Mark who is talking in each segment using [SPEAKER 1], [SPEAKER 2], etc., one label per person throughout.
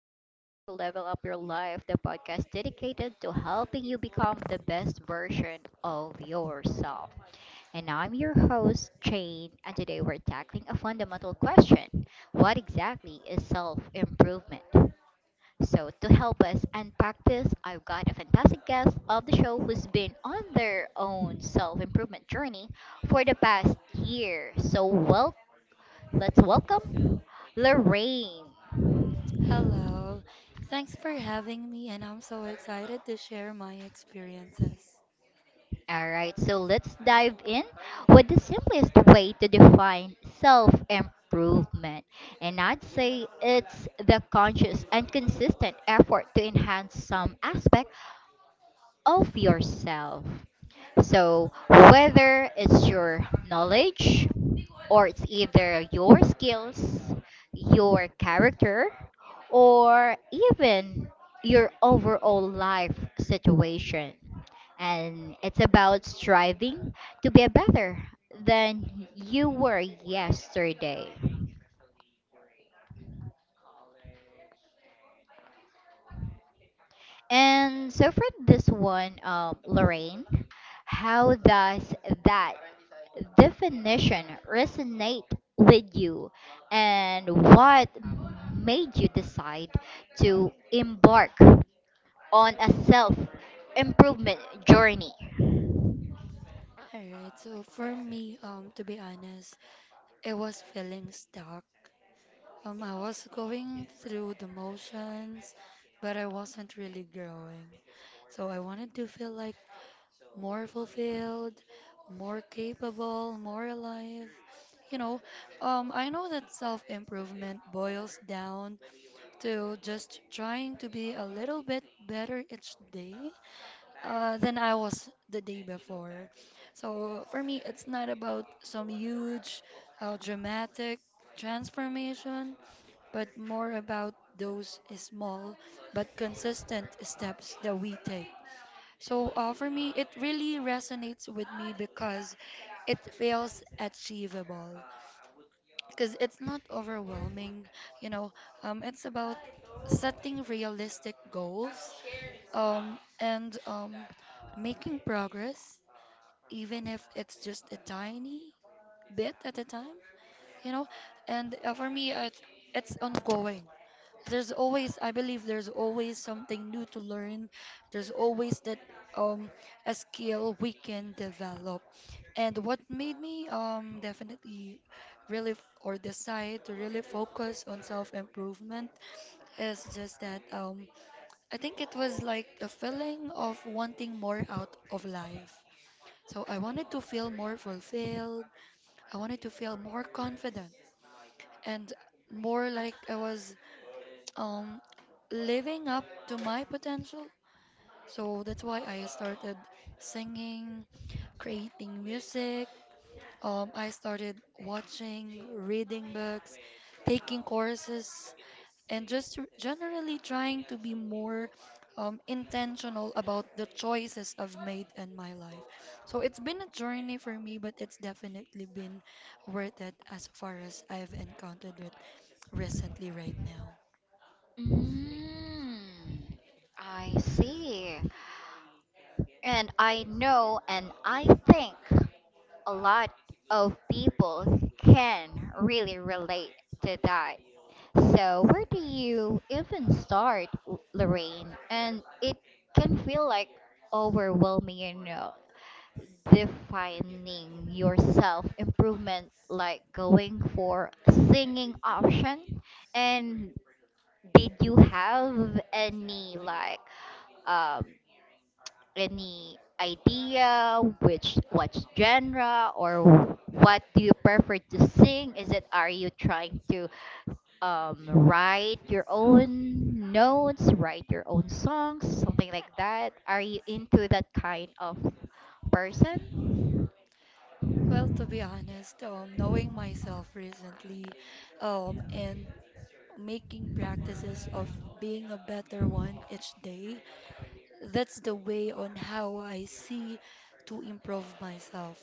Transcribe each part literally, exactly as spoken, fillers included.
[SPEAKER 1] Welcome back to Level Up Your Life, the podcast dedicated to helping you become the best version of yourself. And I'm your host, Jane, and today we're tackling a fundamental question. What exactly is self improvement? So, to help us unpack this, I've got a fantastic guest of the show who's been on their own self improvement journey for the past year. So, welcome. Let's welcome Lorraine.
[SPEAKER 2] Hello. Thanks for having me, and I'm so excited to share my experiences.
[SPEAKER 1] All right, so let's dive in with the simplest way to define self improvement. And I'd say it's the conscious and consistent effort to enhance some aspect of yourself. So, whether it's your knowledge or it's either your skills, your character, or even your overall life situation. And it's about striving to be better than you were yesterday. And so for this one, um, Lorraine, how does that definition resonate with you? And what made you decide to embark on a self improvement journey?
[SPEAKER 2] All right, so for me, um, to be honest, it was feeling stuck. Um, I was going through the motions, but I wasn't really growing. So I wanted to feel like more fulfilled, more capable, more alive. You know, um, I know that self-improvement boils down to just trying to be a little bit better each day uh, than I was the day before. So for me, it's not about some huge, uh, dramatic transformation, but more about those small but consistent steps that we take. So uh, for me, it really resonates with me because it feels achievable because it's not overwhelming. you know um, it's about setting realistic goals um, and um, making progress even if it's just a tiny bit at a time. You know and uh, For me uh, it's, it's ongoing. There's always, i believe there's always something new to learn. There's always that um, a skill we can develop. And what made me um definitely really f- or decide to really focus on self-improvement is just that, um I think it was like a feeling of wanting more out of life. So I wanted to feel more fulfilled. I wanted to feel more confident and more like I was um living up to my potential. So that's why I started singing, creating music. Um, I started watching, reading books, taking courses, and just r- generally trying to be more um, intentional about the choices I've made in my life. So it's been a journey for me, but it's definitely been worth it as far as I've encountered it recently right now.
[SPEAKER 1] Mm, I see. And I know, and I think. A lot of people can really relate to that. So, where do you even start, Lorraine? And it can feel like overwhelming, you know, defining yourself, improvement, like going for singing option. And did you have any like um any idea, which what genre, or what do you prefer to sing? Is it, are you trying to um, write your own notes write your own songs, something like that? Are you into that kind of person?
[SPEAKER 2] Well, to be honest, um, knowing myself recently, um, and making practices of being a better one each day. That's the way on how I see to improve myself.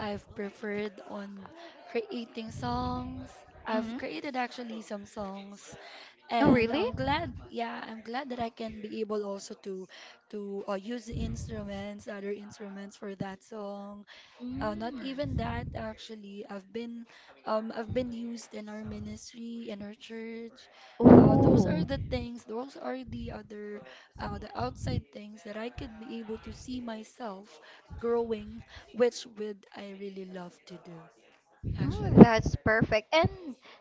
[SPEAKER 2] I've preferred on creating songs. I've
[SPEAKER 1] Hmm.
[SPEAKER 2] created actually some songs,
[SPEAKER 1] Oh,
[SPEAKER 2] and
[SPEAKER 1] really?
[SPEAKER 2] I'm glad, yeah, I'm glad that I can be able also to to uh, use the instruments, other instruments for that song. Uh, not
[SPEAKER 1] Mm.
[SPEAKER 2] even that actually. I've been um I've been used in our ministry, in our church. Uh, those are
[SPEAKER 1] Ooh.
[SPEAKER 2] the things, those are the other uh, the outside things that I could be able to see myself growing, which would I really love to do,
[SPEAKER 1] Oh,
[SPEAKER 2] actually.
[SPEAKER 1] that's perfect. And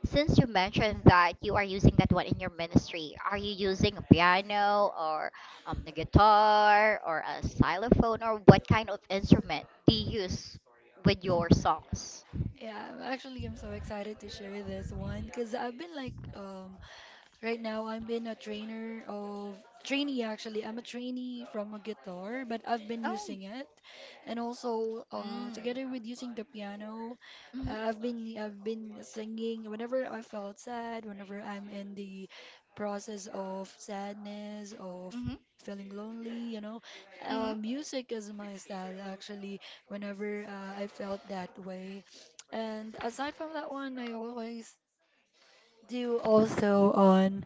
[SPEAKER 1] since you mentioned that you are using that one in your ministry, are you using a piano or um, a guitar or a xylophone, or what kind of instrument do you use with your songs?
[SPEAKER 2] Yeah, I'm- actually, I'm so excited to share this one because I've been like, um. right now, I've been a trainer of trainee actually. I'm a trainee from a guitar, but I've been
[SPEAKER 1] Oh.
[SPEAKER 2] using it, and also uh,
[SPEAKER 1] Mm.
[SPEAKER 2] together with using the piano. uh,
[SPEAKER 1] Hmm.
[SPEAKER 2] I've been, I've been singing whenever I felt sad, whenever I'm in the process of sadness, of
[SPEAKER 1] Hmm.
[SPEAKER 2] feeling lonely, you know.
[SPEAKER 1] Hmm.
[SPEAKER 2] Uh, music is my style actually. Whenever uh, I felt that way, and aside from that one, I always do also on.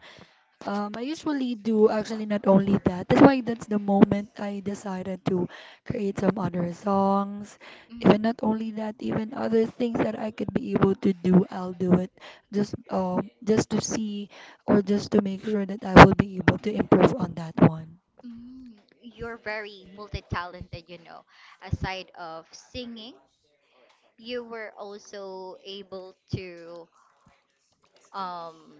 [SPEAKER 2] Um, I usually do actually not only that. That's why that's the moment I decided to create some other songs.
[SPEAKER 1] Hmm.
[SPEAKER 2] Even not only that, even other things that I could be able to do, I'll do it. Just um, just to see or just to make sure that I will be able to improve on that one.
[SPEAKER 1] Mm, you're very multi-talented, you know. Aside of singing, you were also able to um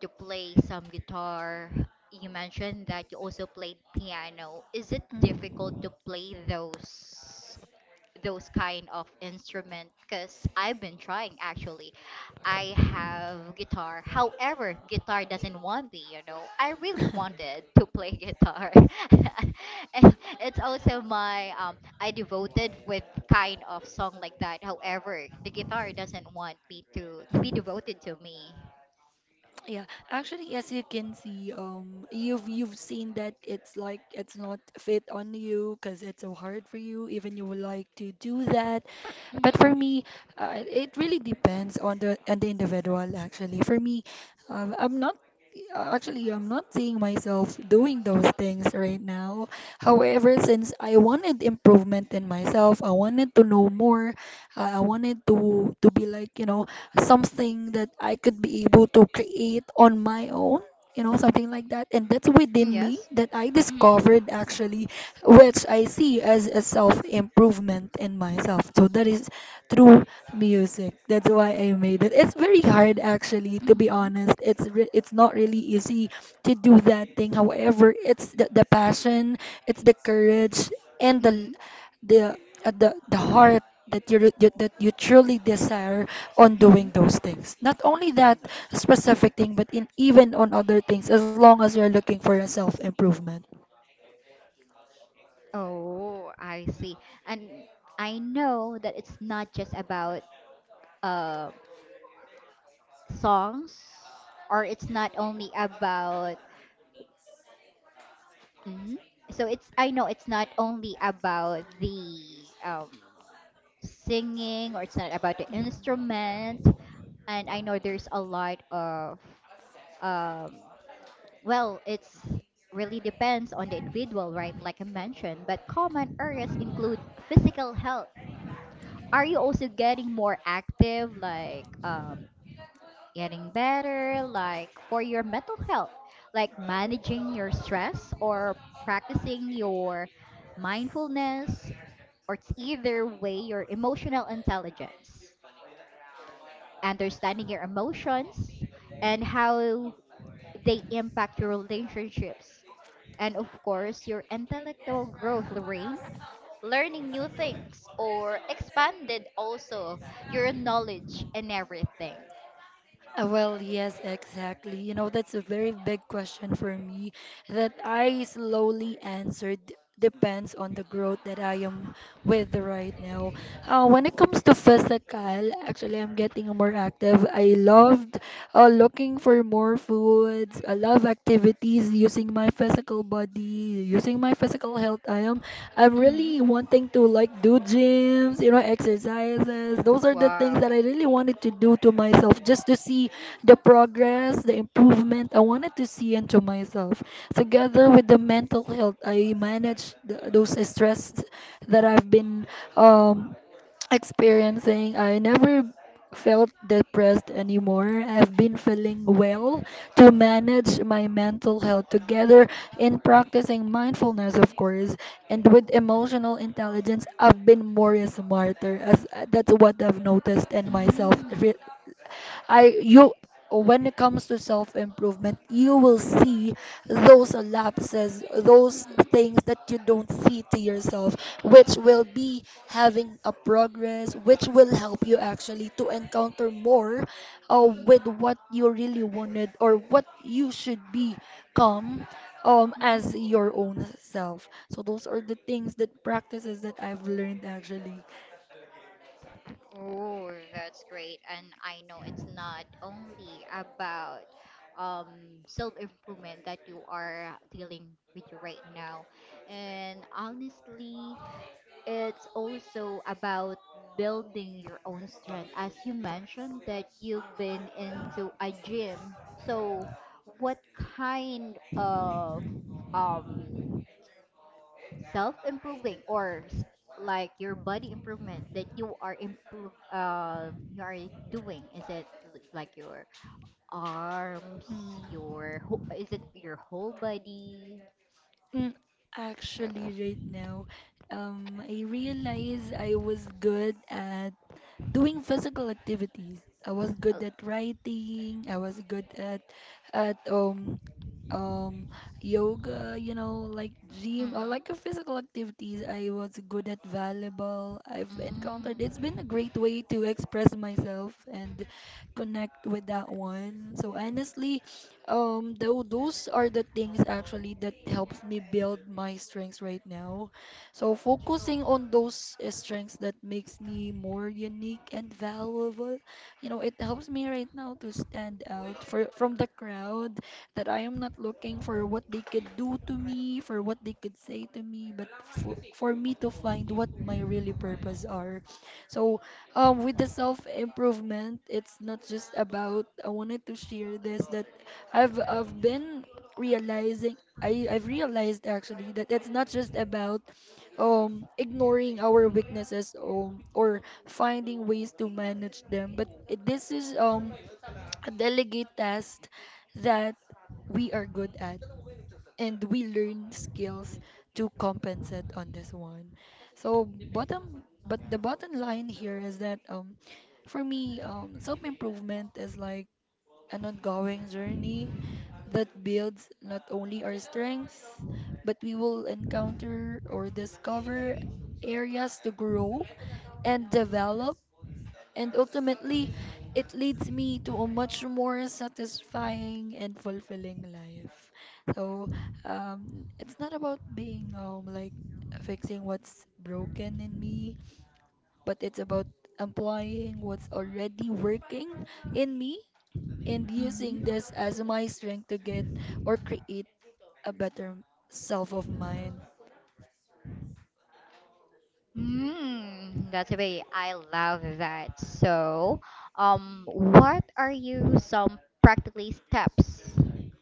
[SPEAKER 1] to play some guitar. You mentioned that you also played piano. Is it difficult
[SPEAKER 2] Mm.
[SPEAKER 1] to play those those kind of instrument? Because I've been trying actually. I have guitar. However, guitar doesn't want me, you know. I really wanted to play guitar. And it's also my um I devoted with kind of song like that. However, the guitar doesn't want me to to be
[SPEAKER 2] Mhm.
[SPEAKER 1] devoted to me.
[SPEAKER 2] Yeah, actually, as you can see, um, you've you've seen that it's like it's not fit on you because it's so hard for you. Even you would like to do that. But for
[SPEAKER 1] Mhm.
[SPEAKER 2] me, uh, it really depends on the on the individual. Actually, for me, um, I'm not uh, actually I'm not seeing myself doing those things right now. However, since I wanted improvement in myself, I wanted to know more. Uh, I wanted to to be like, you know, something that I could be able to create on my own. You know, something like that. And that's within
[SPEAKER 1] Mm,
[SPEAKER 2] me
[SPEAKER 1] yes.
[SPEAKER 2] that I
[SPEAKER 1] Mm-hmm.
[SPEAKER 2] discovered actually, which I see as a self improvement in myself. So that is through music. That's why I made it. It's very hard actually, to be
[SPEAKER 1] Mm-hmm.
[SPEAKER 2] honest. It's re- it's not really easy to do that thing. However, it's the, the passion, it's the courage and the
[SPEAKER 1] Mm.
[SPEAKER 2] the uh, the, the heart that you, you that you truly desire on doing
[SPEAKER 1] Mm.
[SPEAKER 2] those things. Not only that specific thing, but in even on other things as long as you're looking for a self improvement.
[SPEAKER 1] Oh, I see. And I know that it's not just about uh songs, or it's not only about... Hmm. So it's I know, it's not only about the um singing, or it's not about the instrument. And I know there's a lot of, um well, it's really depends on the individual, right? Like I mentioned, but common areas include physical health. Are you also getting more active, like um, getting better, like for your mental health, like managing your stress, or practicing your mindfulness, or it's either way your emotional intelligence, understanding your emotions, and how they impact your relationships, and, of course, your intellectual growth, Lorraine. Learning new things or expanded also your knowledge and everything.
[SPEAKER 2] Uh, Well, yes, exactly. You know, that's a very big question for me that I slowly answered depends on the growth that I am with right now. Uh, when it comes to physical, actually, I'm getting more active. I loved uh, looking for more foods. I love activities using my physical body, using my physical health. I am I'm
[SPEAKER 1] Hmm.
[SPEAKER 2] really wanting to like do gyms, you know, exercises. Those are the things
[SPEAKER 1] Wow.
[SPEAKER 2] that I really wanted to do to myself just to see the progress, the improvement I wanted to see into myself. Together with the mental health, I managed th- those stress that I've been um experiencing. I never felt depressed anymore. I've been feeling well to manage my mental health together in practicing mindfulness, of course, and with emotional intelligence. I've been more smarter, as that's what I've noticed in myself
[SPEAKER 1] Mm-hmm.
[SPEAKER 2] re- I you when it comes to self improvement, you will see those lapses, those things that you don't see to yourself, which will be having a progress, which will help you actually to encounter more uh, with what you really wanted or what you should become, um, as
[SPEAKER 1] Mm-hmm.
[SPEAKER 2] your own self. So those are the things that practices that I've learned actually.
[SPEAKER 1] Oh, that's great. And I know it's not only about um, self-improvement that you are dealing with right now. And honestly, it's also about building your own strength. As you mentioned, that you've been into a gym. So, what kind of um, self improving, or s- like your body improvement that you are improve uh, you are doing? Is it l- like your arms,
[SPEAKER 2] Hmm.
[SPEAKER 1] your wh- is it your whole body?
[SPEAKER 2] Mm, actually, right now, um, I realize I was good at doing physical activities. I was good
[SPEAKER 1] Oh.
[SPEAKER 2] at writing. I was good at at um um yoga, you know, like gym, I
[SPEAKER 1] Mm-hmm.
[SPEAKER 2] like a physical activities. I was good at volleyball. I've
[SPEAKER 1] Mm.
[SPEAKER 2] encountered it's been a great way to express myself and connect with that one. So honestly, um though those are the things actually that helps me build my strengths right now, so focusing on those uh, strengths that makes me more unique and valuable, you know, it helps me right now to stand out for from the crowd, that I am not looking for what they could do to me, for what they could say to me, but for, for me to find what my really purpose are. So um with the self improvement, it's not just about I wanted to share this, that I've I've been realizing I, I've realized actually that it's not just about um ignoring our weaknesses um or finding ways to manage them, but it- this is um a delegate task that we are good at and we learn skills to compensate on this one. So bottom but the bottom line here is that, um for me, um self improvement is like an ongoing journey that builds not only our strengths, but we will encounter or discover areas to grow and develop. And ultimately, it leads me to a much more satisfying and fulfilling life. So, um, it's not about being um like fixing what's broken in me, but it's about employing what's already working in me
[SPEAKER 1] Hmm.
[SPEAKER 2] and using
[SPEAKER 1] Mm. Mm.
[SPEAKER 2] this as my strength to get or create a better self of mine.
[SPEAKER 1] Mm, that's a way I love that. So, um, what are you some practically steps,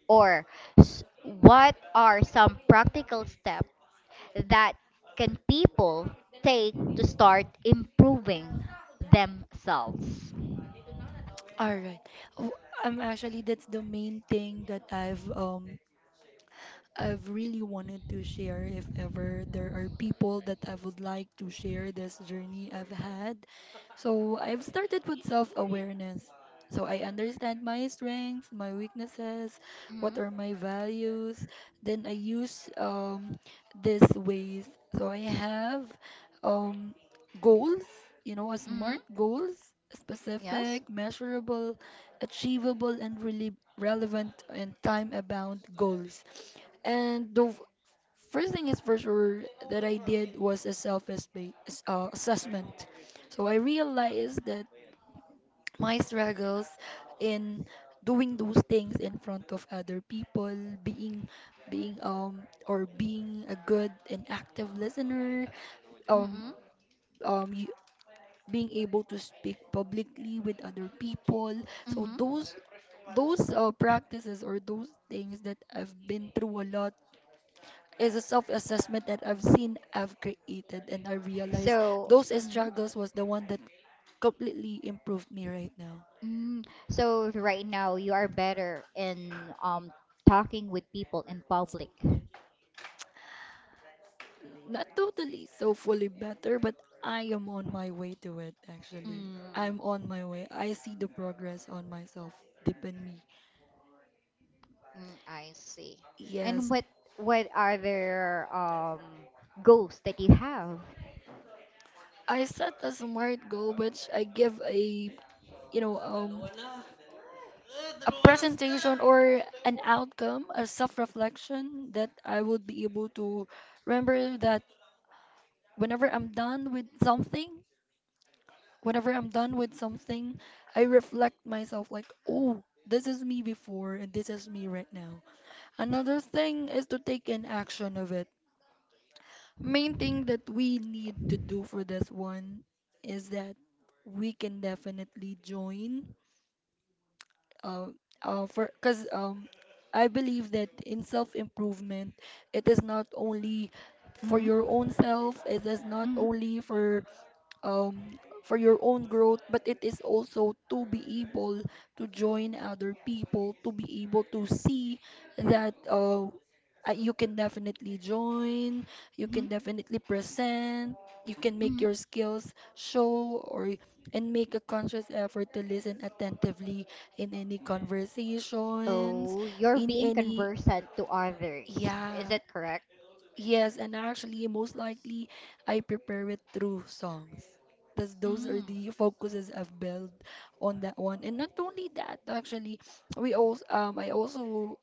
[SPEAKER 1] or s- what are some practical steps that can people take to start improving themselves?
[SPEAKER 2] All right. Oh, I'm actually that's the main thing that I've um I've really wanted to share, if ever there are people that I would like to share this journey I've had. So I've started with self-awareness. So I understand my strengths, my weaknesses,
[SPEAKER 1] Mm-hmm.
[SPEAKER 2] what are my values. Then I use um these ways. So I have um goals, you know, a
[SPEAKER 1] Mm-hmm.
[SPEAKER 2] smart goals,
[SPEAKER 1] Yes.
[SPEAKER 2] specific, measurable, achievable, and really relevant and time-bound goals. And the first thing is for sure that I did was a self uh, assessment. So I realized that my struggles in doing those things in front of other people, being being um or being a good and active listener, um
[SPEAKER 1] Mm-hmm.
[SPEAKER 2] um y- being able to speak publicly with other people. So
[SPEAKER 1] Mm-hmm.
[SPEAKER 2] those those uh, practices or those things that I've been through a lot is a self-assessment that I've seen, I've created, and I realized
[SPEAKER 1] So.
[SPEAKER 2] those
[SPEAKER 1] Mm-hmm.
[SPEAKER 2] struggles was the one that completely improved me right now.
[SPEAKER 1] Mm, so right now you are better in um talking with people in public.
[SPEAKER 2] Not totally so fully better, but I am on my way to it actually.
[SPEAKER 1] Mm.
[SPEAKER 2] I'm on my way. I see the progress on myself deep in me.
[SPEAKER 1] Mm, I see. And
[SPEAKER 2] Yes,
[SPEAKER 1] what what are their um goals that you have?
[SPEAKER 2] I set a smart goal, which I give a, you know, um a presentation or an outcome, a self-reflection that I would be able to remember that whenever I'm done with something, whenever I'm done with something, I reflect myself like, oh, this is me before and this is me right now. Another thing is to take an action of it. Main thing that we need to do for this one is that we can definitely join uh, uh for because um I believe that in self-improvement, it is not only for
[SPEAKER 1] Mm-hmm.
[SPEAKER 2] your own self, it is not
[SPEAKER 1] Mm-hmm.
[SPEAKER 2] only for um, for your own growth, but it is also to be able to join other people, to be able to see that uh, uh, you can definitely join, you
[SPEAKER 1] Mm-hmm.
[SPEAKER 2] can definitely present, you can make
[SPEAKER 1] Mm-hmm.
[SPEAKER 2] your skills show or and make a conscious effort to listen attentively in any conversations,
[SPEAKER 1] Oh, you're
[SPEAKER 2] in
[SPEAKER 1] being
[SPEAKER 2] any
[SPEAKER 1] conversant to others. Is
[SPEAKER 2] yeah,
[SPEAKER 1] that correct?
[SPEAKER 2] yes, and actually, most likely, I prepare it through songs. That's, those
[SPEAKER 1] Mm.
[SPEAKER 2] are the focuses I've built on that one. And not only that, actually, we also um I also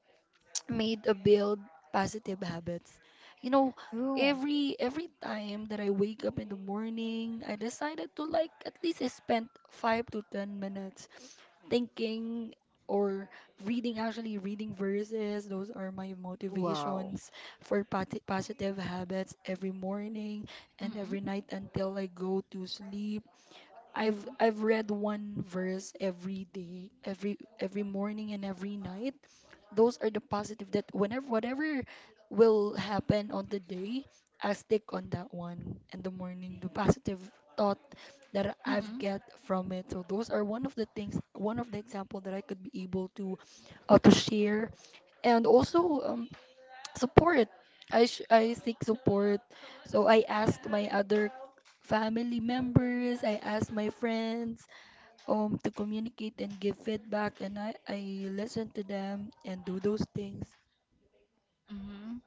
[SPEAKER 2] made a build positive habits. You know,
[SPEAKER 1] Oh,
[SPEAKER 2] every every time that I wake up in the morning, I decided to like at least spend five to ten minutes thinking or reading, actually reading verses. Those are my
[SPEAKER 1] wow.
[SPEAKER 2] motivations for pati- positive habits every morning and
[SPEAKER 1] Mm.
[SPEAKER 2] every night until I go to sleep. I've
[SPEAKER 1] Mm.
[SPEAKER 2] I've read one verse every day, every every morning and every night. Those are the positive that whenever whatever will happen on the day, I stick on that one in the morning. The positive thought that I've
[SPEAKER 1] Mm.
[SPEAKER 2] get from it. So those are one of the things, one of the example that I could be able to uh, to share. And also, um, support. I sh- I seek support. So I asked my other family members, I asked my friends um to communicate and give feedback and I I listen to them and do those things.
[SPEAKER 1] Mm.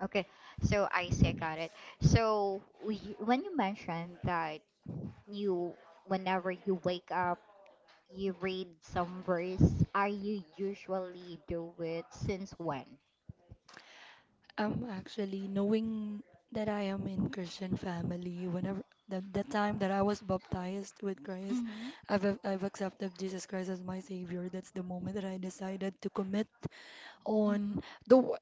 [SPEAKER 1] Okay, so I see, I got it. So we, when you mentioned that you, whenever you wake up, you read some verse, are you usually do it since when?
[SPEAKER 2] Um actually knowing that I am in Christian family whenever the, the time that I was baptized with Christ,
[SPEAKER 1] Mm-hmm.
[SPEAKER 2] I've ac- I've accepted Jesus Christ as my savior. That's the moment that I decided to commit on
[SPEAKER 1] Mm-hmm.
[SPEAKER 2] though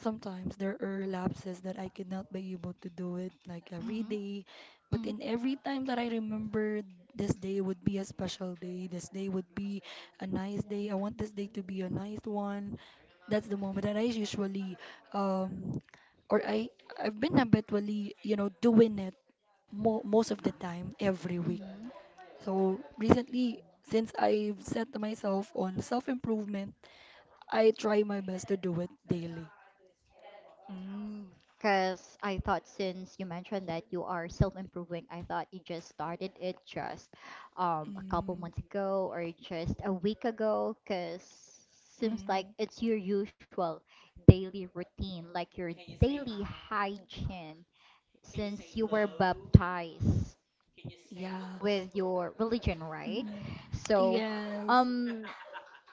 [SPEAKER 2] sometimes there are lapses that I could not be able to do it like every
[SPEAKER 1] Mm-hmm.
[SPEAKER 2] day, but in every time that I remember this day would be a special day, this day would be a nice day. I want this day to be a nice one. That's the moment that I usually um or I I've been habitually, you know, doing it mo most of the time every week.
[SPEAKER 1] Mm-hmm.
[SPEAKER 2] So recently, since I've set myself on self-improvement, I try my best to do it daily.
[SPEAKER 1] Because I thought, since you mentioned that you are self-improving, I thought you just started it just um, a couple
[SPEAKER 2] Mm.
[SPEAKER 1] months ago or just a week ago. Because seems like
[SPEAKER 2] Mm,
[SPEAKER 1] it's your usual daily routine, like your daily hygiene since you were baptized
[SPEAKER 2] yeah.
[SPEAKER 1] with your religion, right?
[SPEAKER 2] Mm-mm.
[SPEAKER 1] So,
[SPEAKER 2] Yes.
[SPEAKER 1] um,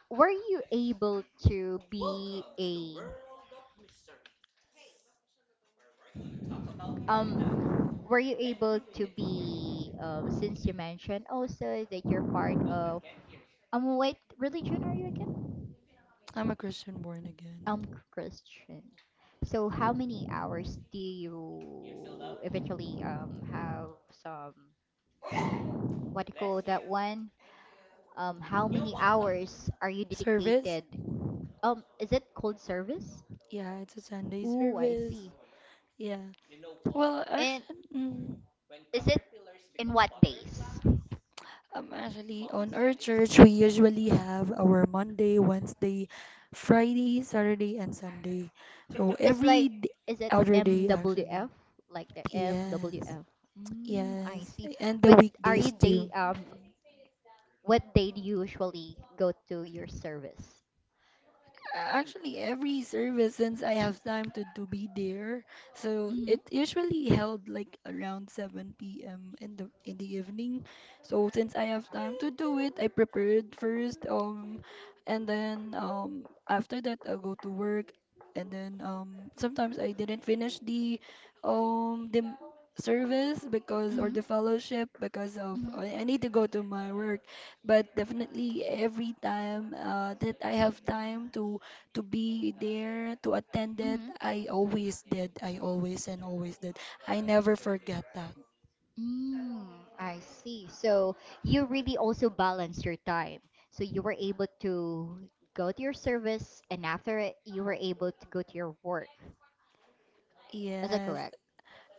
[SPEAKER 1] were you able to be a um were you able to be um since you mentioned also that you're part of um what religion are you again?
[SPEAKER 2] I'm a Christian born
[SPEAKER 1] Um
[SPEAKER 2] again.
[SPEAKER 1] Christian. So how many hours do you eventually um have some, what do you call that one? Um how many hours are you
[SPEAKER 2] Service?
[SPEAKER 1] dedicated? Um is it called service?
[SPEAKER 2] Yeah, it's a Sunday
[SPEAKER 1] Ooh, I
[SPEAKER 2] service.
[SPEAKER 1] see.
[SPEAKER 2] Yeah. Well,
[SPEAKER 1] And
[SPEAKER 2] actually, mm,
[SPEAKER 1] is it, in what days?
[SPEAKER 2] um, actually, on our church, we usually have our Monday, Wednesday, Friday, Saturday, and Sunday. So
[SPEAKER 1] It's like,
[SPEAKER 2] every d-
[SPEAKER 1] is it
[SPEAKER 2] other day, actually.
[SPEAKER 1] M W F? Like the
[SPEAKER 2] Yes.
[SPEAKER 1] M W F. Mm, I
[SPEAKER 2] Yes.
[SPEAKER 1] see.
[SPEAKER 2] And the
[SPEAKER 1] But are you
[SPEAKER 2] weekdays
[SPEAKER 1] day,
[SPEAKER 2] too.
[SPEAKER 1] um, what day do you usually go to your service?
[SPEAKER 2] Actually, every service since I have time to, to be there. So
[SPEAKER 1] Mm-hmm.
[SPEAKER 2] it usually held like around seven p m in the in the evening. So since I have time to do it, I prepared first um and then um after that I go to work and then um sometimes I didn't finish the um the m- service because or
[SPEAKER 1] Mm-hmm.
[SPEAKER 2] the fellowship because of I I need to go to my work. But definitely every time uh that I have time to to be there, to attend
[SPEAKER 1] Mm-hmm.
[SPEAKER 2] it.
[SPEAKER 1] Mm-hmm.
[SPEAKER 2] I always did. I always and always did. I never forget that.
[SPEAKER 1] Mm, I see. So you really also balance your time. So you were able to go to your service, and after it, you were able to go to your work. Is that
[SPEAKER 2] Yes,
[SPEAKER 1] correct?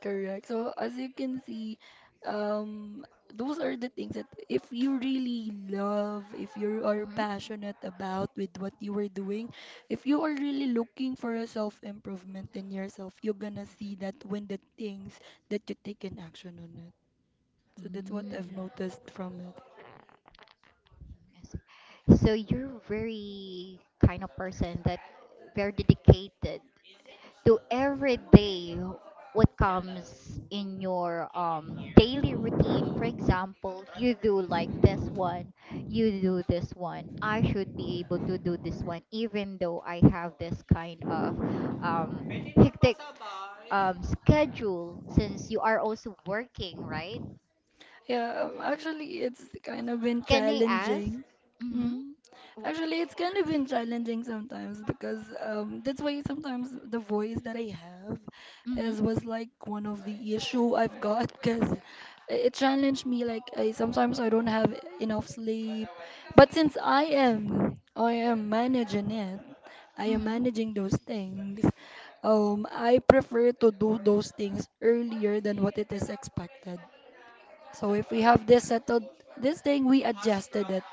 [SPEAKER 2] correct. So as you can see, um, those are the things that if you really love, if you are
[SPEAKER 1] Mm-hmm.
[SPEAKER 2] passionate about with what you are doing, if you are really looking for a self-improvement in yourself, you're gonna see that when the things that you take an action on it. So that's what I've
[SPEAKER 1] Mm.
[SPEAKER 2] noticed from it.
[SPEAKER 1] I see. So you're very kind of person that very dedicated to every day what comes in your um, daily routine. For example, you do like this one, you do this one. I should be able to do this one, even though I have this kind of um, hectic um, schedule, since you are also working, right?
[SPEAKER 2] Yeah, um, actually, it's kind of been
[SPEAKER 1] Can I ask?
[SPEAKER 2] challenging.
[SPEAKER 1] Mm-hmm.
[SPEAKER 2] Mm. Actually, it's kind of been challenging sometimes because um, that's why sometimes the voice that I have
[SPEAKER 1] Mm-hmm.
[SPEAKER 2] is was like one of the issue I've got because it challenged me. Like I sometimes I don't have enough sleep, but since I am I am managing it, I am
[SPEAKER 1] Mm-hmm.
[SPEAKER 2] managing those things. Um, I prefer to do those things earlier than what it is expected. So if we have this settled, this thing we adjusted it.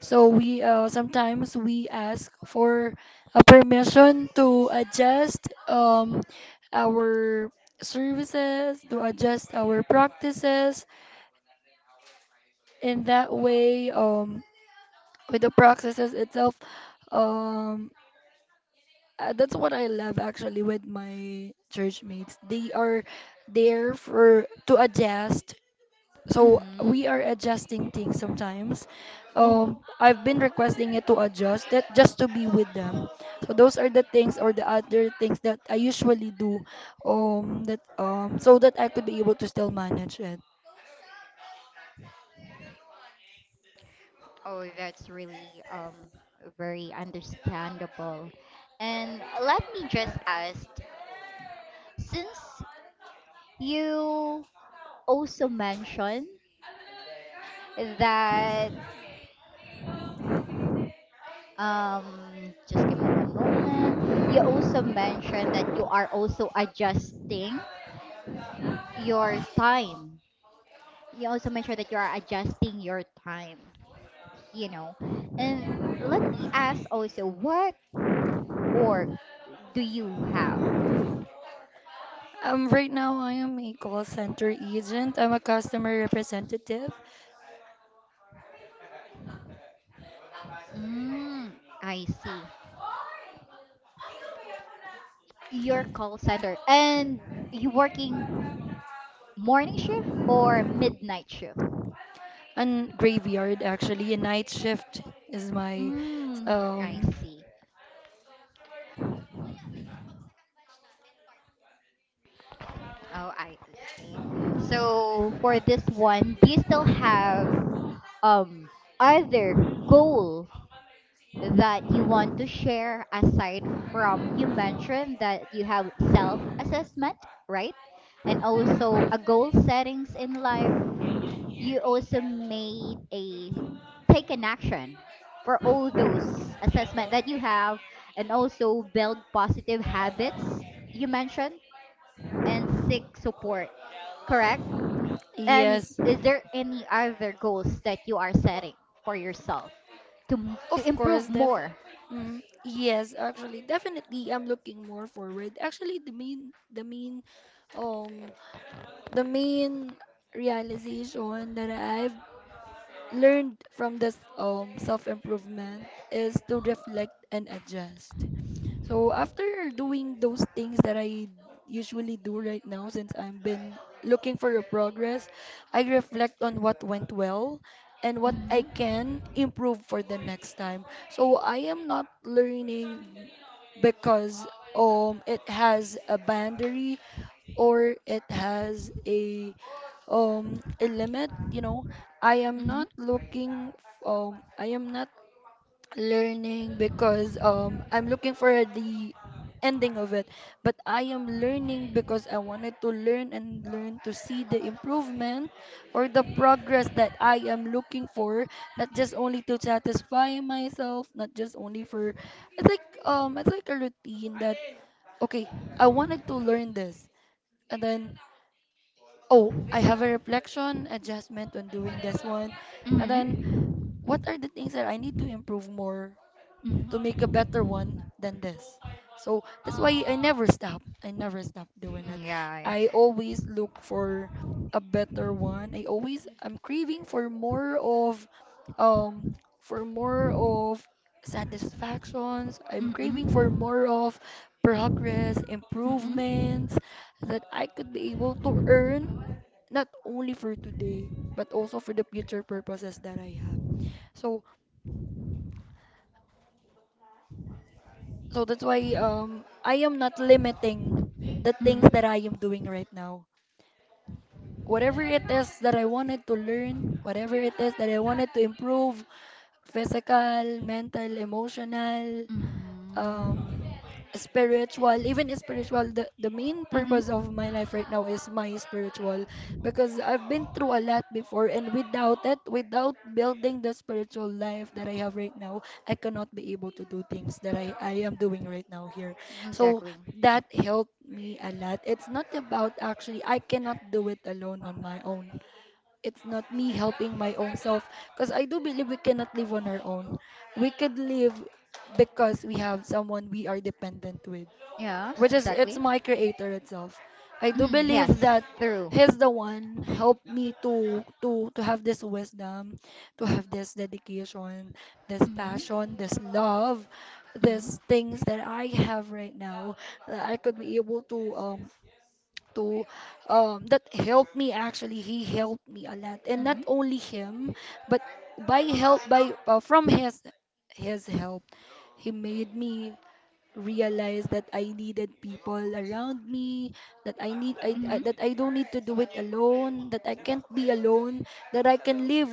[SPEAKER 2] So we uh, sometimes we ask for a permission to adjust um, our services, to adjust our practices. In that way, um, with the practices itself, um, uh, that's what I love actually with my church mates. They are there for to adjust so
[SPEAKER 1] Mm-hmm.
[SPEAKER 2] we are adjusting things sometimes.
[SPEAKER 1] Hmm.
[SPEAKER 2] Um, I've been requesting it to adjust that just to be with them. So those are the things or the other things that I usually do, um, that um, so that I could be able to still manage it.
[SPEAKER 1] Oh, that's really um very understandable. And let me just ask, since you also mentioned that um just give me one moment. You also mentioned that you are also adjusting your time. You also mentioned that you are adjusting your time, you know. And let me ask also, what work do you have?
[SPEAKER 2] Um, right now I am a call center agent. I'm a customer representative
[SPEAKER 1] Mm, I see. Your call center. And you working morning shift or midnight shift?
[SPEAKER 2] and graveyard actually. A night shift is my,
[SPEAKER 1] Mm, I
[SPEAKER 2] um,
[SPEAKER 1] see. Oh, I see. So for this one, do you still have um other goal that you want to share aside from, you mentioned that you have self-assessment, right? And also a goal settings in life. You also made a, take an action for all those assessment that you have, and also build positive habits you mentioned, and seek support, correct? And
[SPEAKER 2] yes,
[SPEAKER 1] is there any other goals that you are setting for yourself to m-
[SPEAKER 2] Of
[SPEAKER 1] to
[SPEAKER 2] course,
[SPEAKER 1] improve
[SPEAKER 2] def
[SPEAKER 1] more?
[SPEAKER 2] mm, yes, actually, definitely I'm looking more forward. Actually, the main the main um the main realization that I've learned from this um self-improvement is to reflect and adjust. So after doing those things that I usually do right now since I've been looking for a progress, I reflect on what went well and what I
[SPEAKER 1] Hmm.
[SPEAKER 2] can improve for the next time. So I am not learning because um it has a boundary or it has a um a limit, you know. I am
[SPEAKER 1] Hmm.
[SPEAKER 2] not looking f- um I am not learning because um I'm looking for the ending of it but I am learning because I wanted to learn and learn to see the improvement or the progress that I am looking for not just only to satisfy myself not just only for it's like um it's like a routine that okay I wanted to learn this and then oh I have a reflection adjustment on doing this one and then
[SPEAKER 1] Hmm.
[SPEAKER 2] what are the things that I need to improve more
[SPEAKER 1] Hmm.
[SPEAKER 2] to make a better one than this. So that's why I never stop. I never stop doing it.
[SPEAKER 1] Yeah.
[SPEAKER 2] I always look for a better one. I always I'm craving for more of um for more of satisfactions. I'm
[SPEAKER 1] Hmm.
[SPEAKER 2] craving for
[SPEAKER 1] Hmm.
[SPEAKER 2] more of progress,
[SPEAKER 1] Hmm.
[SPEAKER 2] improvements that I could be able to earn not only for today but also for the future purposes that I have. So So that's why um I am not limiting the things
[SPEAKER 1] Hmm.
[SPEAKER 2] that I am doing right now. Whatever it is that I wanted to learn, whatever it is that I wanted to improve, physical, mental, emotional, um spiritual even spiritual the, the main
[SPEAKER 1] Hmm.
[SPEAKER 2] purpose of my life right now is my spiritual because I've been through a lot before and without it without building the spiritual life that I have right now I cannot be able to do things that i, I am doing right now here so
[SPEAKER 1] Exactly.
[SPEAKER 2] that helped me a lot it's not about actually I cannot do it alone on my own it's not me helping my own self because I do believe we cannot live on our own. We could live because we have someone we are dependent with,
[SPEAKER 1] Yes,
[SPEAKER 2] which is it's
[SPEAKER 1] exactly.
[SPEAKER 2] my creator itself. I do
[SPEAKER 1] Mm,
[SPEAKER 2] believe
[SPEAKER 1] yes,
[SPEAKER 2] that
[SPEAKER 1] through.
[SPEAKER 2] he's the one helped me to to to have this wisdom, to have this dedication, this passion,
[SPEAKER 1] Mm-hmm.
[SPEAKER 2] this love,
[SPEAKER 1] Mm-hmm.
[SPEAKER 2] these things that I have right now that I could be able to um to um, that helped me actually he helped me a lot and not only him but by help by uh, from his his help he made me realized that I needed people around me, that I need I, I
[SPEAKER 1] Mm-hmm.
[SPEAKER 2] that I don't need to do it alone, that I can't be alone, that I can live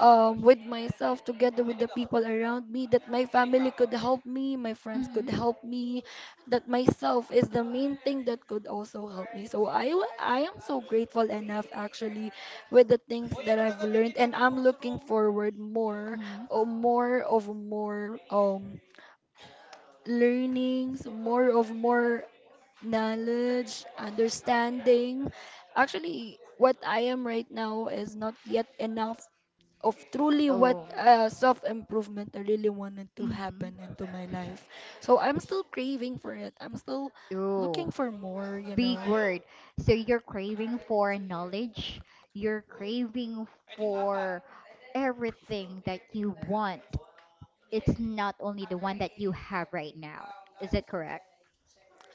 [SPEAKER 2] um, with myself together with the people around me, that my family could help me, my friends
[SPEAKER 1] Mm-hmm.
[SPEAKER 2] could help me, that myself is the main thing that could also help me. So I wa- I am so grateful enough actually with the things that I've learned and I'm looking forward more
[SPEAKER 1] Mm-hmm.
[SPEAKER 2] or more of more um learnings, more of more knowledge, understanding. Actually, what I am right now is not yet enough of truly what
[SPEAKER 1] Oh.
[SPEAKER 2] uh, self improvement I really wanted to
[SPEAKER 1] Mm-hmm.
[SPEAKER 2] happen into my life. So I'm still craving for it. I'm still
[SPEAKER 1] Oh,
[SPEAKER 2] looking for more, you know.
[SPEAKER 1] big word. So you're craving for knowledge. You're craving for everything that you want. It's not only the one that you have right now. Is that correct?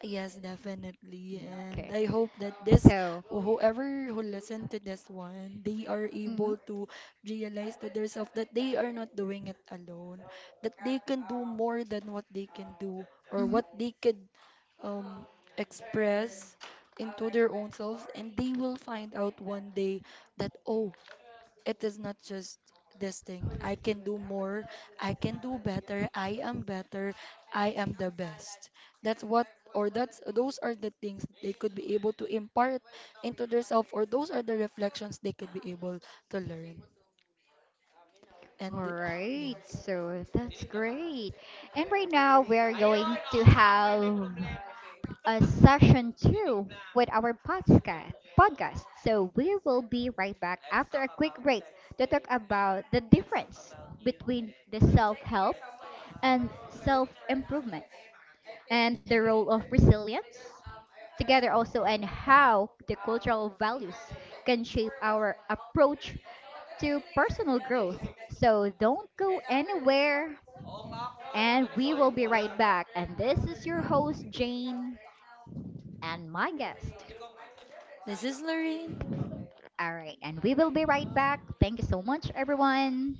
[SPEAKER 2] Yes, definitely.
[SPEAKER 1] Mm,
[SPEAKER 2] And
[SPEAKER 1] okay.
[SPEAKER 2] I hope that this,
[SPEAKER 1] So.
[SPEAKER 2] whoever who listened to this one, they are
[SPEAKER 1] Mm-hmm.
[SPEAKER 2] able to realize to themselves that they are not doing it alone, that they can do more than what they can do or
[SPEAKER 1] Mm-hmm.
[SPEAKER 2] what they could um, express into their own selves. And they will find out one day that, oh, it is not just this thing. I can do more. I can do better. I am better. I am the best. That's what or that's those are the things they could be able to impart into themselves or those are the reflections they could be able to learn.
[SPEAKER 1] All
[SPEAKER 2] And
[SPEAKER 1] right,
[SPEAKER 2] yes.
[SPEAKER 1] so that's great. And right now we're going to have a session two with our podcast. Podcast. So we will be right back after a quick break to talk about the difference between the self-help and self-improvement, and
[SPEAKER 2] Yeah.
[SPEAKER 1] the role of resilience together also, and how the cultural values can shape our approach to personal growth. So don't go anywhere, and we will be right back. And this is your host, Jane, and my guest.
[SPEAKER 2] This is Lorraine.
[SPEAKER 1] All right, and we will be right back. Thank you so much, everyone.